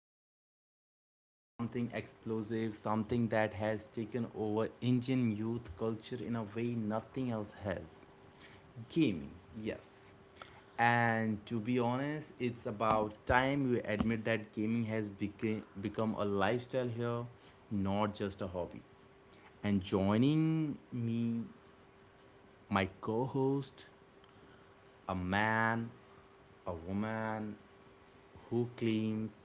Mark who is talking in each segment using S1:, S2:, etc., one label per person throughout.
S1: going to talk about something explosive, something that has taken over Indian youth culture in a way nothing else has. Gaming. Yes. And to be honest, it's about time we admit that gaming has become a lifestyle here, not just a hobby. And joining me, my co host, a man, a woman, who claims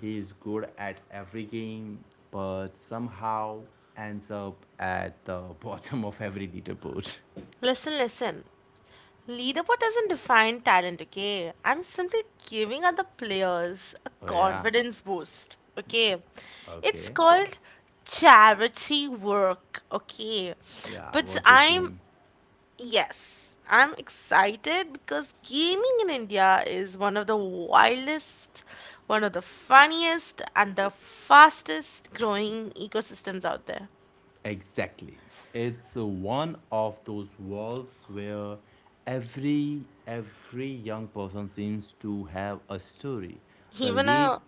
S1: he is good at every game but somehow ends up at the bottom of every leaderboard.
S2: Listen, listen. Leaderboard doesn't define talent, okay? I'm simply giving other players a
S1: Oh, yeah.
S2: confidence boost, okay? It's
S1: Okay.
S2: called charity work, okay?
S1: Yeah,
S2: But
S1: what you're doing.
S2: yes, I'm excited because gaming in India is one of the wildest, one of the funniest, and the fastest growing ecosystems out there.
S1: Exactly. It's one of those walls where every young person seems to have a story. The
S2: Even
S1: lead
S2: a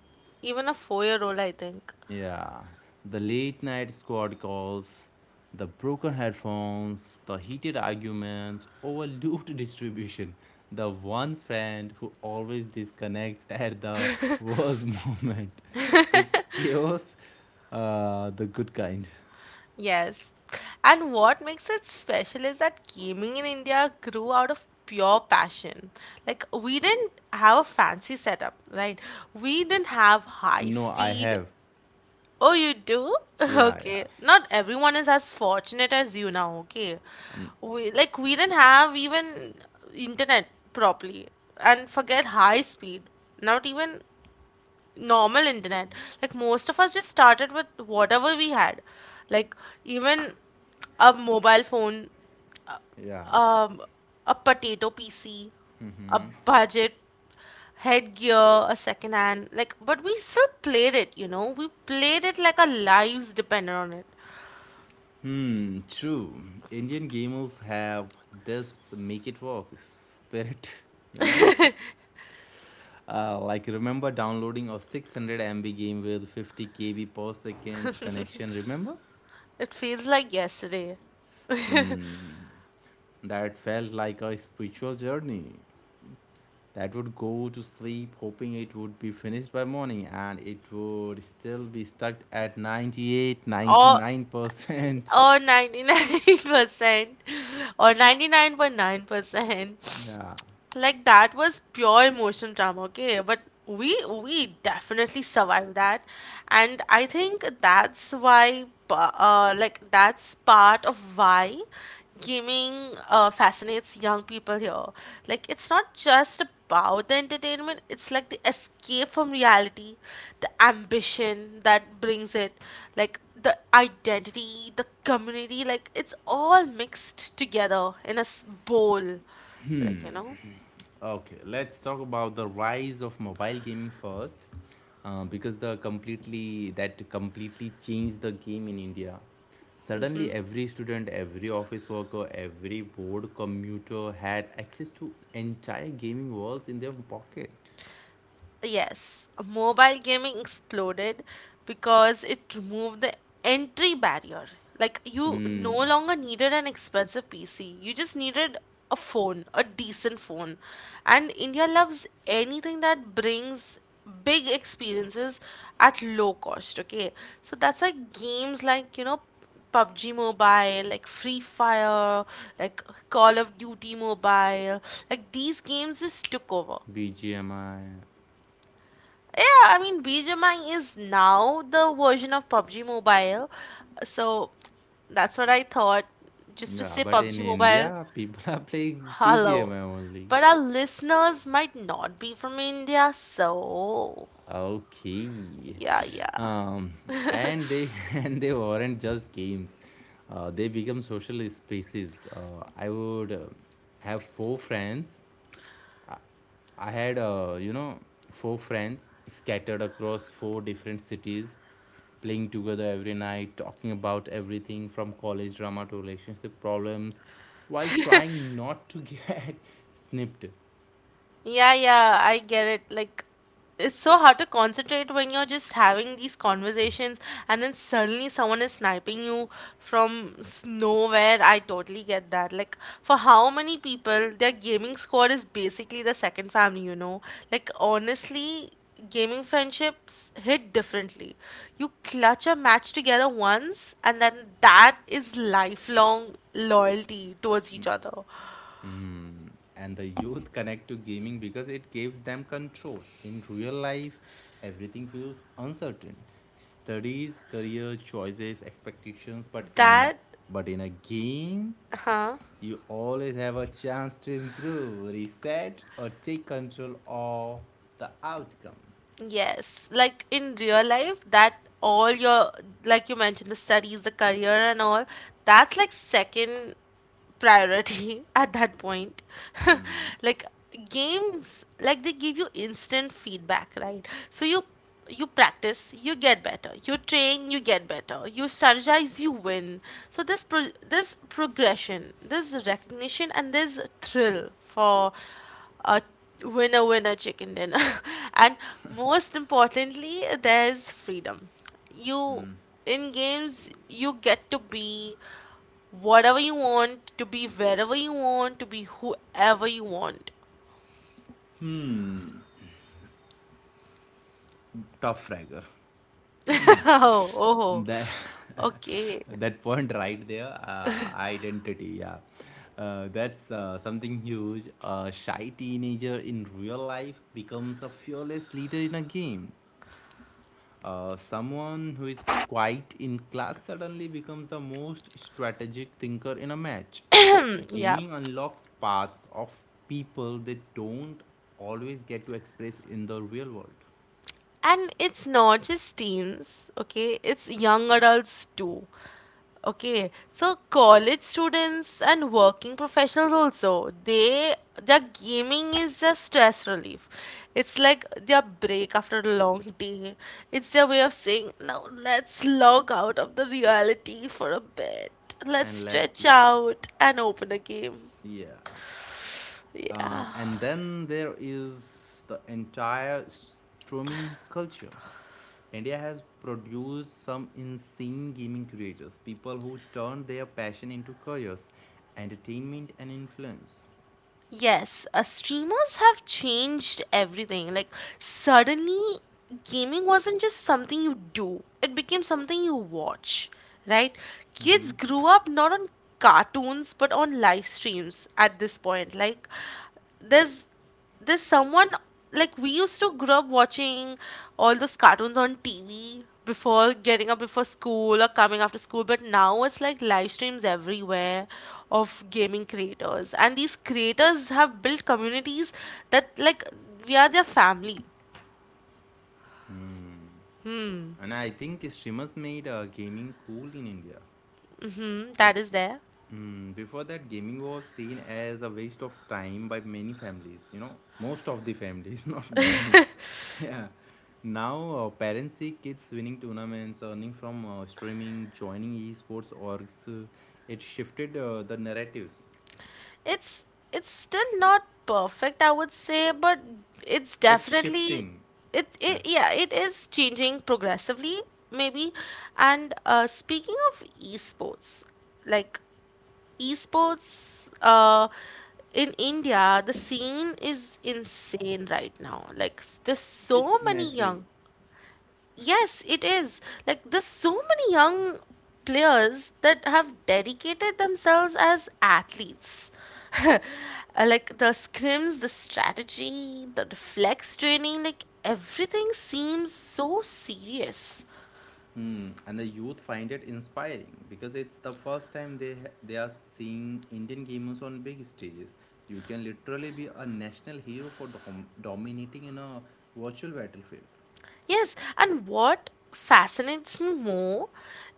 S2: even a 4-year-old, I think.
S1: Yeah, the late night squad calls, the broken headphones, the heated arguments over loot distribution, the one friend who always disconnects at the worst moment. It's chaos, the good kind.
S2: Yes. And what makes it special is that gaming in India grew out of pure passion. Like, we didn't have a fancy setup, right? We didn't have high
S1: No, I
S2: speed.
S1: have.
S2: Oh, you do?
S1: Yeah, yeah,
S2: Okay. Not everyone is as fortunate as you now, okay? We, like, we didn't have even internet properly. And forget high speed. Not even normal internet, like most of us just started with whatever we had, like even a mobile phone,
S1: yeah.
S2: um a potato PC, a budget headgear, a second hand. Like, but we still played it, we played it like our lives depended on it.
S1: Hmm, true. Indian gamers have this make it work spirit, you know? Like remember downloading a 600 MB game with 50 KB per second connection, remember?
S2: It feels like yesterday.
S1: Hmm. That felt like a spiritual journey. That would go to sleep hoping it would be finished by morning and it would still be stuck at 98, ninety
S2: or
S1: nine percent
S2: or 99% or 99.9%.
S1: Yeah.
S2: Like, that was pure emotion drama, okay? But we we definitely survived that. And I think that's why like, that's part of why gaming fascinates young people here. Like, it's not just about the entertainment, it's like the escape from reality, the ambition that brings it, like the identity, the community, like it's all mixed together in a bowl, like, you know.
S1: Okay, let's talk about the rise of mobile gaming first, because the completely that completely changed the game in India. Suddenly, every student, every office worker, every board commuter had access to entire gaming worlds in their pocket.
S2: Yes, mobile gaming exploded because it removed the entry barrier. Like, you no
S1: Hmm,
S2: longer needed an expensive PC, you just needed a phone, a decent phone. And India loves anything that brings big experiences at low cost, okay? So that's why games like, you know, PUBG Mobile, like Free Fire, like Call of Duty Mobile, like these games just took over.
S1: BGMI.
S2: Yeah, I mean, BGMI is now the version of PUBG Mobile. So that's what I thought. Just to
S1: Yeah,
S2: say
S1: but in
S2: PUBG Mobile,
S1: India, people are playing
S2: hello.
S1: BGMI only.
S2: But our listeners might not be from India, so
S1: Okay,
S2: yeah, yeah.
S1: um, and they and they weren't just games. They become social spaces. Have four friends i, I had four friends scattered across four different cities, playing together every night, talking about everything from college drama to relationship problems, while trying not to get snipped.
S2: Yeah, yeah, I get it. Like, it's so hard to concentrate when you're just having these conversations and then suddenly someone is sniping you from nowhere. I totally get that. Like, for how many people, their gaming squad is basically the second family, you know? Like, honestly, gaming friendships hit differently. You clutch a match together once, and then that is lifelong loyalty towards each other.
S1: And the youth connect to gaming because it gives them control. In real life, everything feels uncertain. Studies, career choices, expectations, but in
S2: That,
S1: but in a game,
S2: huh?
S1: you always have a chance to improve, reset, or take control of the outcome.
S2: Yes, like in real life, that all your, like you mentioned, the studies, the career, and all, that's like second priority at that point. Like, games, like they give you instant feedback, right? So you practice, you get better. You train, you get better. You strategize, you win. So this progression, this recognition, and this thrill for a winner winner chicken dinner. And most importantly, there's freedom. You In games, you get to be whatever you want to be, wherever you want to be, whoever you want.
S1: Hmm, tough fragger.
S2: Oh, oh,
S1: That.
S2: okay.
S1: That point right there, identity. Yeah. That's something huge. A shy teenager in real life becomes a fearless leader in a game. Someone who is quiet in class suddenly becomes the most strategic thinker in a match.
S2: Mm, yeah.
S1: Gaming unlocks parts of people they don't always get to express in the real world.
S2: And it's not just teens, okay, it's young adults too. Okay, so college students and working professionals also, they their gaming is their stress relief. It's like their break after a long day. It's their way of saying, now let's log out of the reality for a bit. Let's
S1: And let's.
S2: stretch out and open a game.
S1: Yeah.
S2: Yeah.
S1: And then there is the entire streaming culture. India has produced some insane gaming creators, people who turn their passion into careers, entertainment, and influence.
S2: Yes, streamers have changed everything. Like, suddenly, gaming wasn't just something you do, it became something you watch, right?
S1: Mm-hmm.
S2: Kids grew up not on cartoons but on live streams at this point. Like, there's there's someone, like we used to grow up watching all those cartoons on TV before getting up before school or coming after school, but now it's like live streams everywhere of gaming creators, and these creators have built communities that, like, we are their family.
S1: Hmm. And I think streamers made gaming cool in India.
S2: Mm, that is there.
S1: Before that, gaming was seen as a waste of time by many families, most of the families, not many. Yeah. Now, parents see kids winning tournaments, earning from streaming, joining esports orgs. It shifted the narratives.
S2: It's it's still not perfect, I would say, but it's
S1: It's
S2: definitely,
S1: shifting.
S2: it,
S1: Yeah.
S2: it yeah, it is changing progressively, maybe. And speaking of esports, like, esports in India, the scene is insane right now. Like, there's so
S1: It's
S2: many
S1: massive.
S2: young. Yes, it is. Like, there's so many young players that have dedicated themselves as athletes. Like the scrims, the strategy, the reflex training, like everything seems so serious.
S1: And the youth find it inspiring because it's the first time they are seeing Indian gamers on big stages. You can literally be a national hero for dominating in a virtual battlefield.
S2: Yes, and what fascinates me more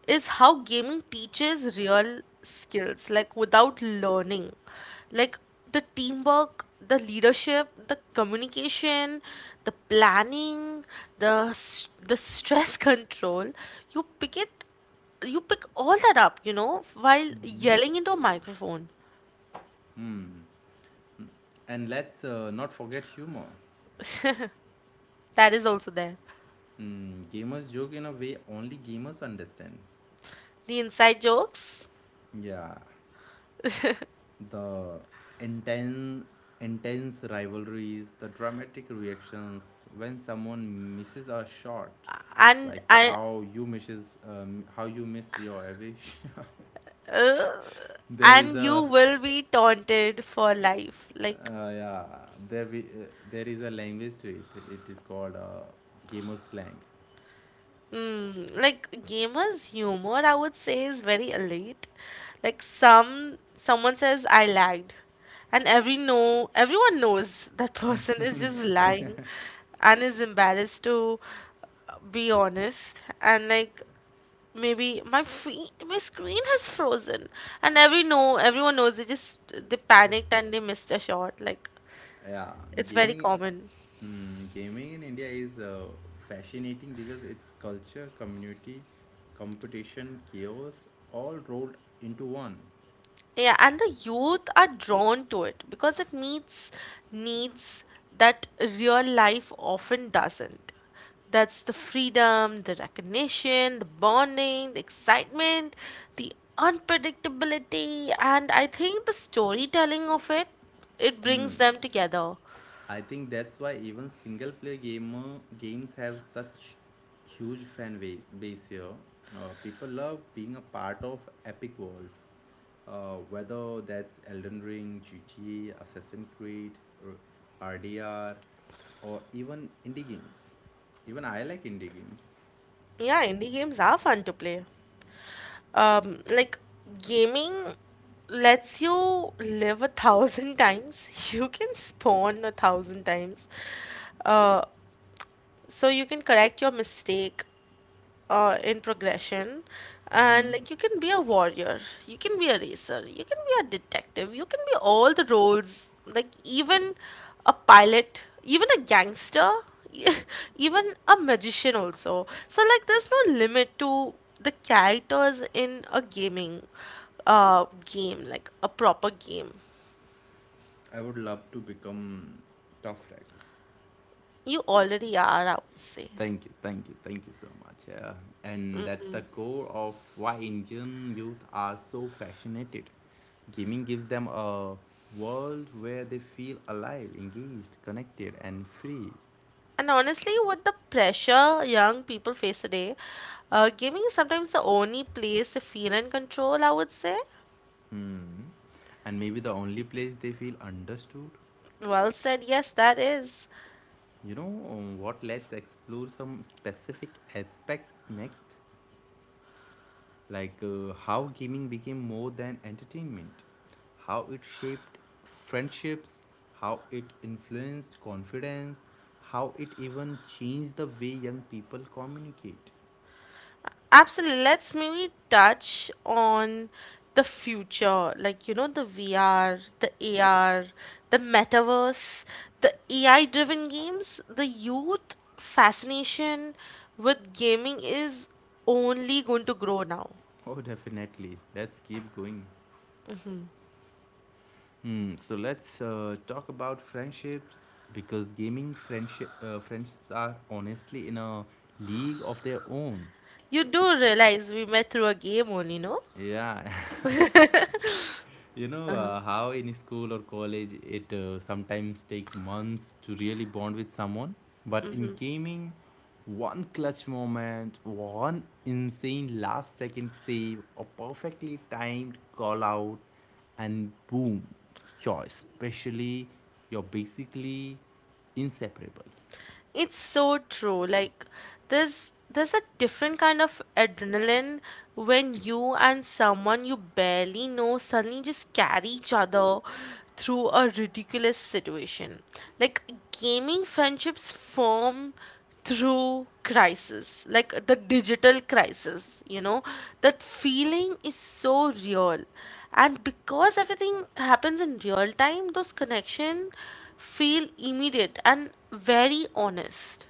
S2: is how gaming teaches real skills, like without learning. Like the teamwork, the leadership, the communication, the planning, the stress control. You pick it, you pick all that up, while
S1: Mm-hmm.
S2: yelling into a microphone.
S1: Hmm. And let's not forget humor.
S2: That is also there.
S1: Hmm. Gamers joke in a way only gamers understand.
S2: The inside jokes.
S1: Yeah, the intense, intense rivalries, the dramatic reactions when someone misses a shot,
S2: and
S1: like
S2: I
S1: how you miss your every shot. There is
S2: and you
S1: a,
S2: will be taunted for life. Like,
S1: uh, yeah, there is a language to it. It is called gamer slang.
S2: mm, like gamers' humor, I would say, is very elite. Like, someone says, "I lagged," and every no, everyone knows that person is just lying, and is embarrassed to be honest. And like, maybe my screen has frozen, and every no, everyone knows they panicked and they missed a shot. Like,
S1: Yeah,
S2: it's very
S1: gaming
S2: common.
S1: Gaming in India is fascinating because it's culture, community, competition, chaos, all rolled into one.
S2: Yeah, and the youth are drawn to it because it meets needs that real life often doesn't. That's the freedom, the recognition, the bonding, the excitement, the unpredictability, and I think the storytelling of it, it
S1: Mm,
S2: brings them together.
S1: I think that's why even single player gamer games have such huge fan base here. People love being a part of epic worlds, whether that's Elden Ring, GTA, Assassin's Creed, or RDR, or even indie games. Even I like indie games.
S2: Yeah, indie games are fun to play. Like, gaming lets you live 1,000 times. You can spawn 1,000 times. uh so you can correct your mistake, in progression.
S1: Mm-hmm.
S2: And, like, you can be a warrior, you can be a racer, you can be a detective, you can be all the roles, like even a pilot, even a gangster, even a magician also, so like there's no limit to the characters in a gaming game, like a proper game.
S1: I would love to become tough rider.
S2: You already are, I would say.
S1: Thank you, thank you, thank you so much. Yeah. And that's the core of why Indian youth are so fascinated. Gaming gives them a world where they feel alive, engaged, connected, and free.
S2: And honestly, what the pressure young people face today, gaming is sometimes the only place to feel in control, I would say.
S1: Hmm. And maybe the only place they feel understood.
S2: Well said, yes, that is.
S1: You know what? Let's explore some specific aspects next. Like, how gaming became more than entertainment, how it shaped friendships, how it influenced confidence, how it even changed the way young people communicate.
S2: Absolutely. Let's maybe touch on the future, like, the VR, the AR, the metaverse, the AI driven games. The youth fascination with gaming is only going to grow now.
S1: Oh, definitely. Let's keep going. Hmm. So let's talk about friendships, because gaming friendships are honestly in a league of their own.
S2: You do realize we met through a game only, no?
S1: Yeah. You know how in school or college it sometimes take months to really bond with someone, but in gaming, one clutch moment, one insane last second save, a perfectly timed call out, and boom, you're especially you're basically inseparable.
S2: It's so true. Like, there's a different kind of adrenaline when you and someone you barely know suddenly just carry each other through a ridiculous situation. Like, gaming friendships form through crisis, like the digital crisis, that feeling is so real. And because everything happens in real time, those connection feel immediate and very honest.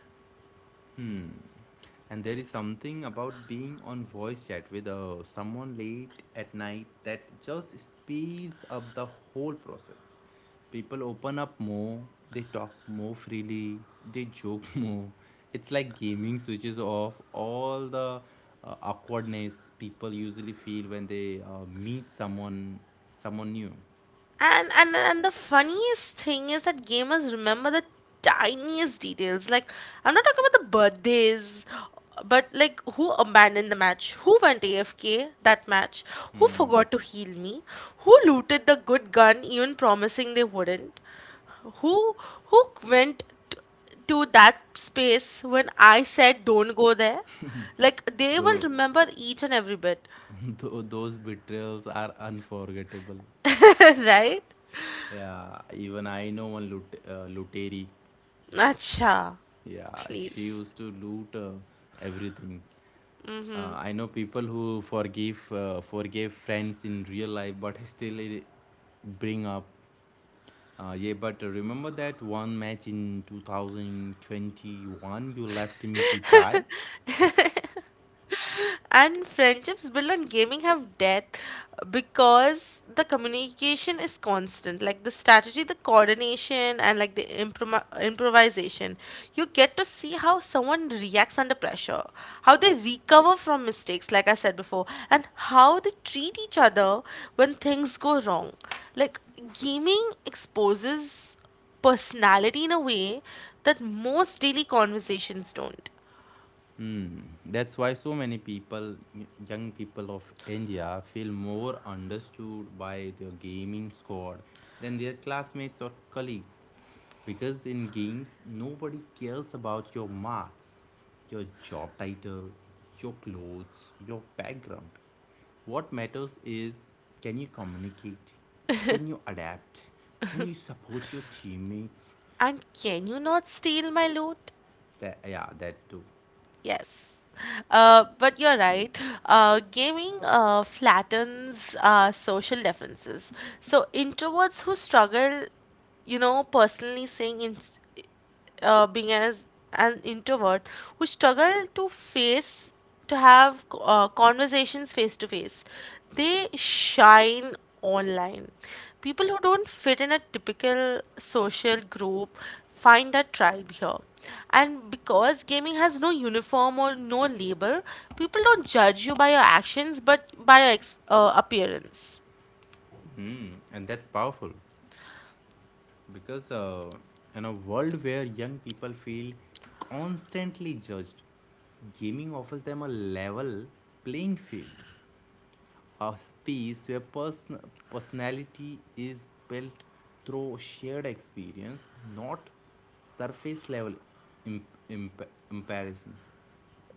S1: And there is something about being on voice chat with someone late at night that just speeds up the whole process. People open up more, they talk more freely, they joke more. It's like gaming switches off all the awkwardness people usually feel when they meet someone new.
S2: And the funniest thing is that gamers remember the tiniest details. Like, I'm not talking about the birthdays, but like who abandoned the match, who went AFK that match, who forgot to heal me, who looted the good gun even promising they wouldn't, who who went to, to that space when I said don't go there. Like, they will
S1: Though,
S2: remember each and every bit.
S1: though those betrayals are unforgettable.
S2: Right?
S1: Yeah, even I know one Luteri.
S2: Acha,
S1: Yeah, she
S2: please.
S1: used to loot everything. I know people who forgive forgave friends in real life, but still it bring up. Yeah, but remember that one match in 2021 you left me to die?
S2: And friendships built on gaming have depth because the communication is constant. Like, the strategy, the coordination, and like the improvisation. You get to see how someone reacts under pressure, how they recover from mistakes, like I said before, and how they treat each other when things go wrong. Like, gaming exposes personality in a way that most daily conversations don't.
S1: Hmm. That's why so many people, young people of India, feel more understood by their gaming squad than their classmates or colleagues. Because in games, nobody cares about your marks, your job title, your clothes, your background. What matters is, can you communicate? Can you adapt? Can you support your teammates?
S2: And can you not steal my loot?
S1: That, yeah, that too.
S2: Yes. But you're right. Gaming flattens social differences. So introverts who struggle, you know, personally saying in being as an introvert who struggle to have conversations face to face, they shine online. People who don't fit in a typical social group find a tribe here. And because gaming has no uniform or no label, people don't judge you by your actions but by your appearance.
S1: Hmm. And that's powerful, because in a world where young people feel constantly judged, gaming offers them a level playing field, a space where personality is built through shared experience, not surface level comparison.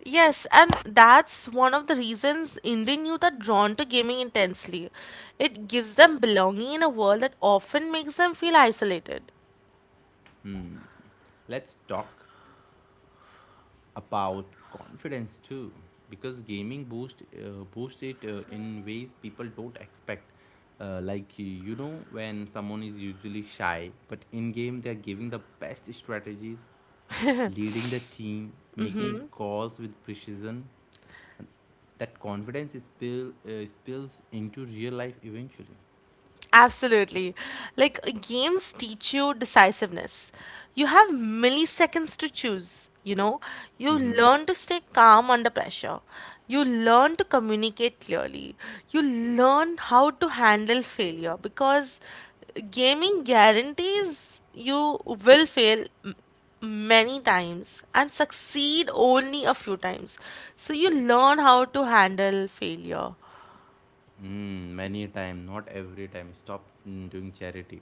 S2: Yes, and that's one of the reasons Indian youth are drawn to gaming intensely. It gives them belonging in a world that often makes them feel isolated.
S1: Let's talk about confidence too, because gaming boosts it in ways people don't expect. Like you know, when someone is usually shy but in game they're giving the best strategies, leading the team, making calls with precision, that confidence spills into real life eventually.
S2: Absolutely. Like, games teach you decisiveness. You have milliseconds to choose, you know. You
S1: Mm-hmm.
S2: learn to stay calm under pressure. You learn to communicate clearly. You learn how to handle failure because gaming guarantees you will fail many times and succeed only a few times. So you learn how to handle failure.
S1: Many a time, not every time. Stop doing charity.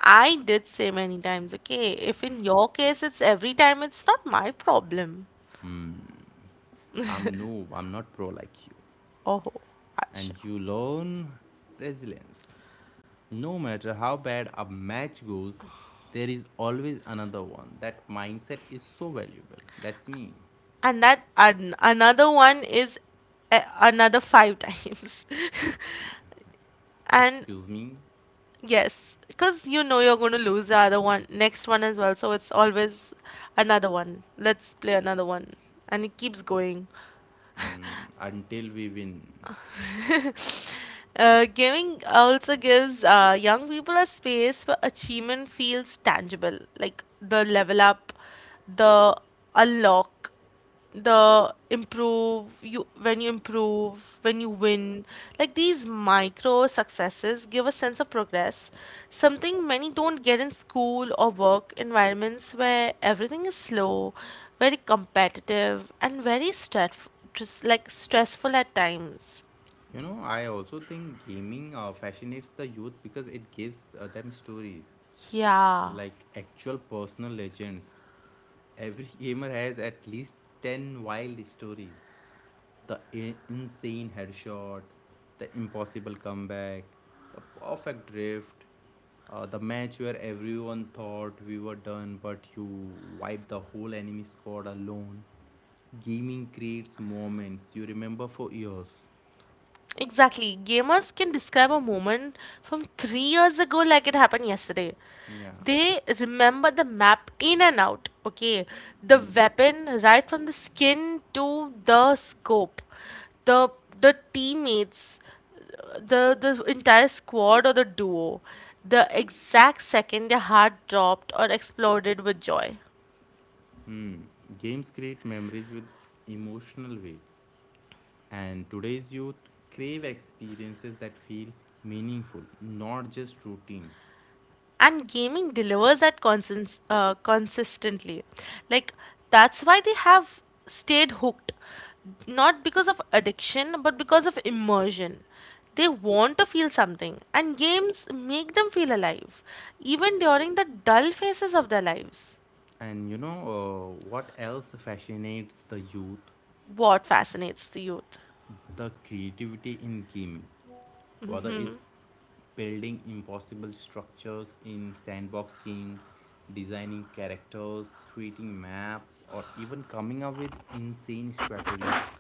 S2: I did say many times, okay? If in your case it's every time, it's not my problem.
S1: I'm not pro like you.
S2: Oh, acha.
S1: And you learn resilience. No matter how bad a match goes, there is always another one. That mindset is so valuable. That's me.
S2: And that an another one is a another five times. And
S1: Excuse me,
S2: yes, because you know you're going to lose the other one, next one as well. So it's always another one. Let's play another one. And it keeps going.
S1: until we win.
S2: Giving also gives young people a space where achievement feels tangible, like the level up, the unlock, the improve. You When you improve, when you win, like, these micro successes give a sense of progress, something many don't get in school or work environments where everything is slow, very competitive, and very stress, just like stressful at times.
S1: You know, I also think gaming fascinates the youth because it gives them stories,
S2: Yeah.
S1: like actual personal legends. Every gamer has at least 10 wild stories. The insane headshot, the impossible comeback, the perfect drift, the match where everyone thought we were done, but you wiped the whole enemy squad alone. Gaming creates moments you remember for years.
S2: Exactly. Gamers can describe a moment from 3 years ago like it happened yesterday.
S1: Yeah.
S2: They remember the map in and out, okay? The
S1: Hmm.
S2: weapon, right from the skin to the scope, the the teammates, the entire squad or the duo, the exact second their heart dropped or exploded with joy.
S1: Hmm. Games create memories with emotional weight, and today's youth crave experiences that feel meaningful, not just routine.
S2: And gaming delivers that consistently. Like, that's why they have stayed hooked, not because of addiction but because of immersion. They want to feel something, and games make them feel alive even during the dull phases of their lives.
S1: And you know what else fascinates the youth?
S2: What fascinates the youth?
S1: The creativity in gaming. Whether it's building impossible structures in sandbox games, designing characters, creating maps, or even coming up with insane strategies.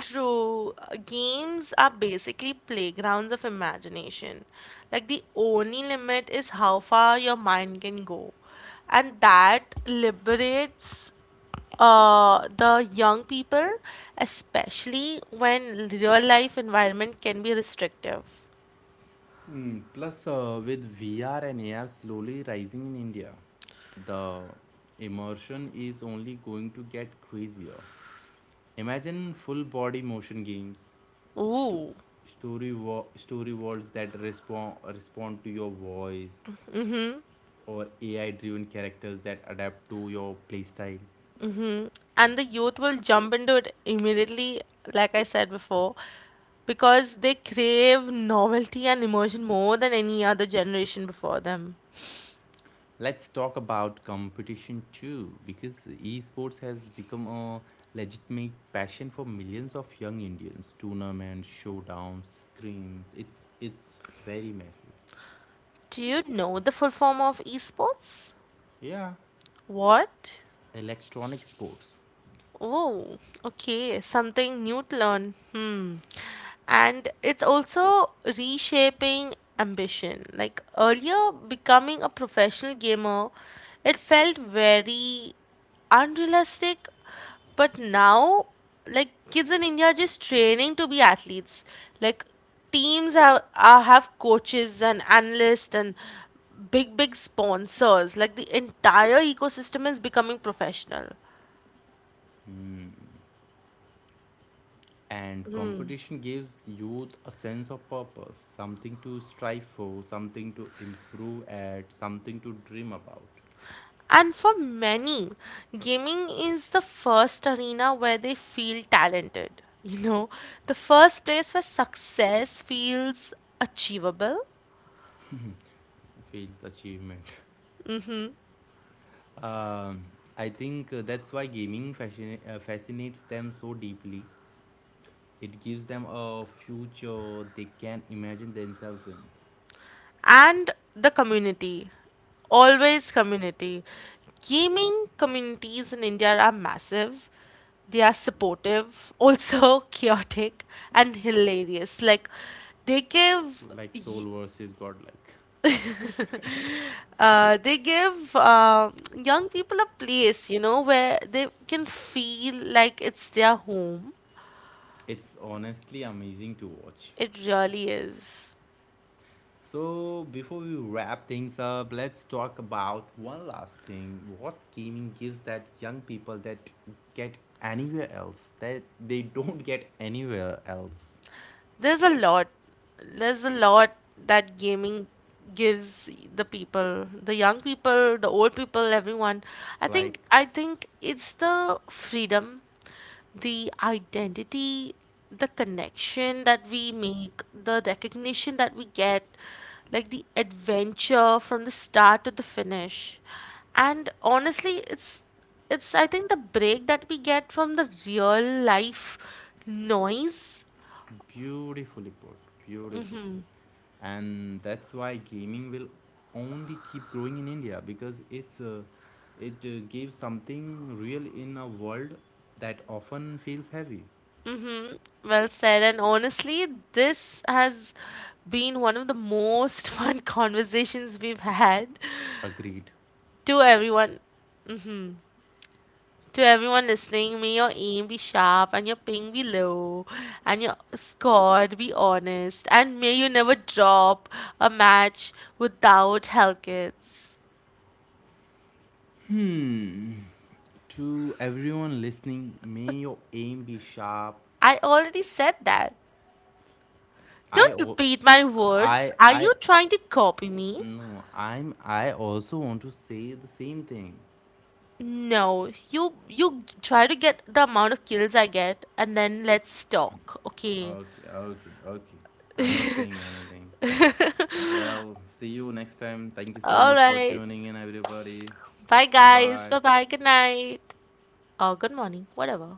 S2: True, games are basically playgrounds of imagination. Like, the only limit is how far your mind can go. And that liberates the young people, especially when real life environment can be restrictive.
S1: Plus, with VR and AR slowly rising in India, the immersion is only going to get crazier. Imagine full body motion games, sto-
S2: Ooh.
S1: story worlds that respond to your voice, or AI driven characters that adapt to your playstyle.
S2: And the youth will jump into it immediately, like I said before, because they crave novelty and immersion more than any other generation before them.
S1: Let's talk about competition too, because esports has become a legitimate passion for millions of young Indians. Tournaments, showdowns, screams. It's very massive.
S2: Do you know the full form of esports?
S1: Yeah,
S2: What?
S1: electronic sports.
S2: Oh, okay. Something new to learn. Hmm. And it's also reshaping ambition. Like earlier, becoming a professional gamer, it felt very unrealistic. But now, like, kids in India are just training to be athletes. Like, teams have, coaches and analysts and big, big sponsors. Like, the entire ecosystem is becoming professional.
S1: Hmm. And competition gives youth a sense of purpose, something to strive for, something to improve at, something to dream about.
S2: And for many, gaming is the first arena where they feel talented. You know, the first place where success feels achievable.
S1: Feels achievement. Um, I think that's why gaming fascinates them so deeply. It gives them a future they can imagine themselves in,
S2: And the community, always community. Gaming communities in India are massive. They are supportive, also chaotic and hilarious. Like, they give
S1: like Soul
S2: y-
S1: versus Godlike.
S2: they give young people a place, where they can feel like it's their home.
S1: It's honestly amazing to watch.
S2: It really is.
S1: So, before we wrap things up, let's talk about one last thing. What gaming gives that young people that they don't get anywhere else.
S2: There's a lot. There's a lot that gaming gives the people, the young people, the old people, everyone. I
S1: Like,
S2: think I think it's the freedom, the identity, the connection that we make, the recognition that we get, like the adventure from the start to the finish. And honestly, it's I think the break that we get from the real life noise.
S1: beautifully put, beautifully. And that's why gaming will only keep growing in India, because it's a, it gives something real in a world that often feels heavy.
S2: Mm-hmm. Well said. And honestly, this has been one of the most fun conversations we've had.
S1: Agreed.
S2: To everyone, to everyone listening, may your aim be sharp and your ping be low and your score be honest. And may you never drop a match without health kits.
S1: Hmm. To everyone listening, may your aim be sharp.
S2: I already said that.
S1: I
S2: Don't
S1: al-
S2: repeat my words. Are
S1: I
S2: you trying to copy me?
S1: No, I also want to say the same thing.
S2: No, you try to get the amount of kills I get, and then let's talk, okay?
S1: Okay, okay, okay, I'm not saying anything. Well, see you next time. Thank you so
S2: All
S1: much for
S2: right.
S1: tuning in, everybody.
S2: Bye,
S1: Bye
S2: guys.
S1: bye.
S2: Bye bye. Good night. Or good morning. Whatever.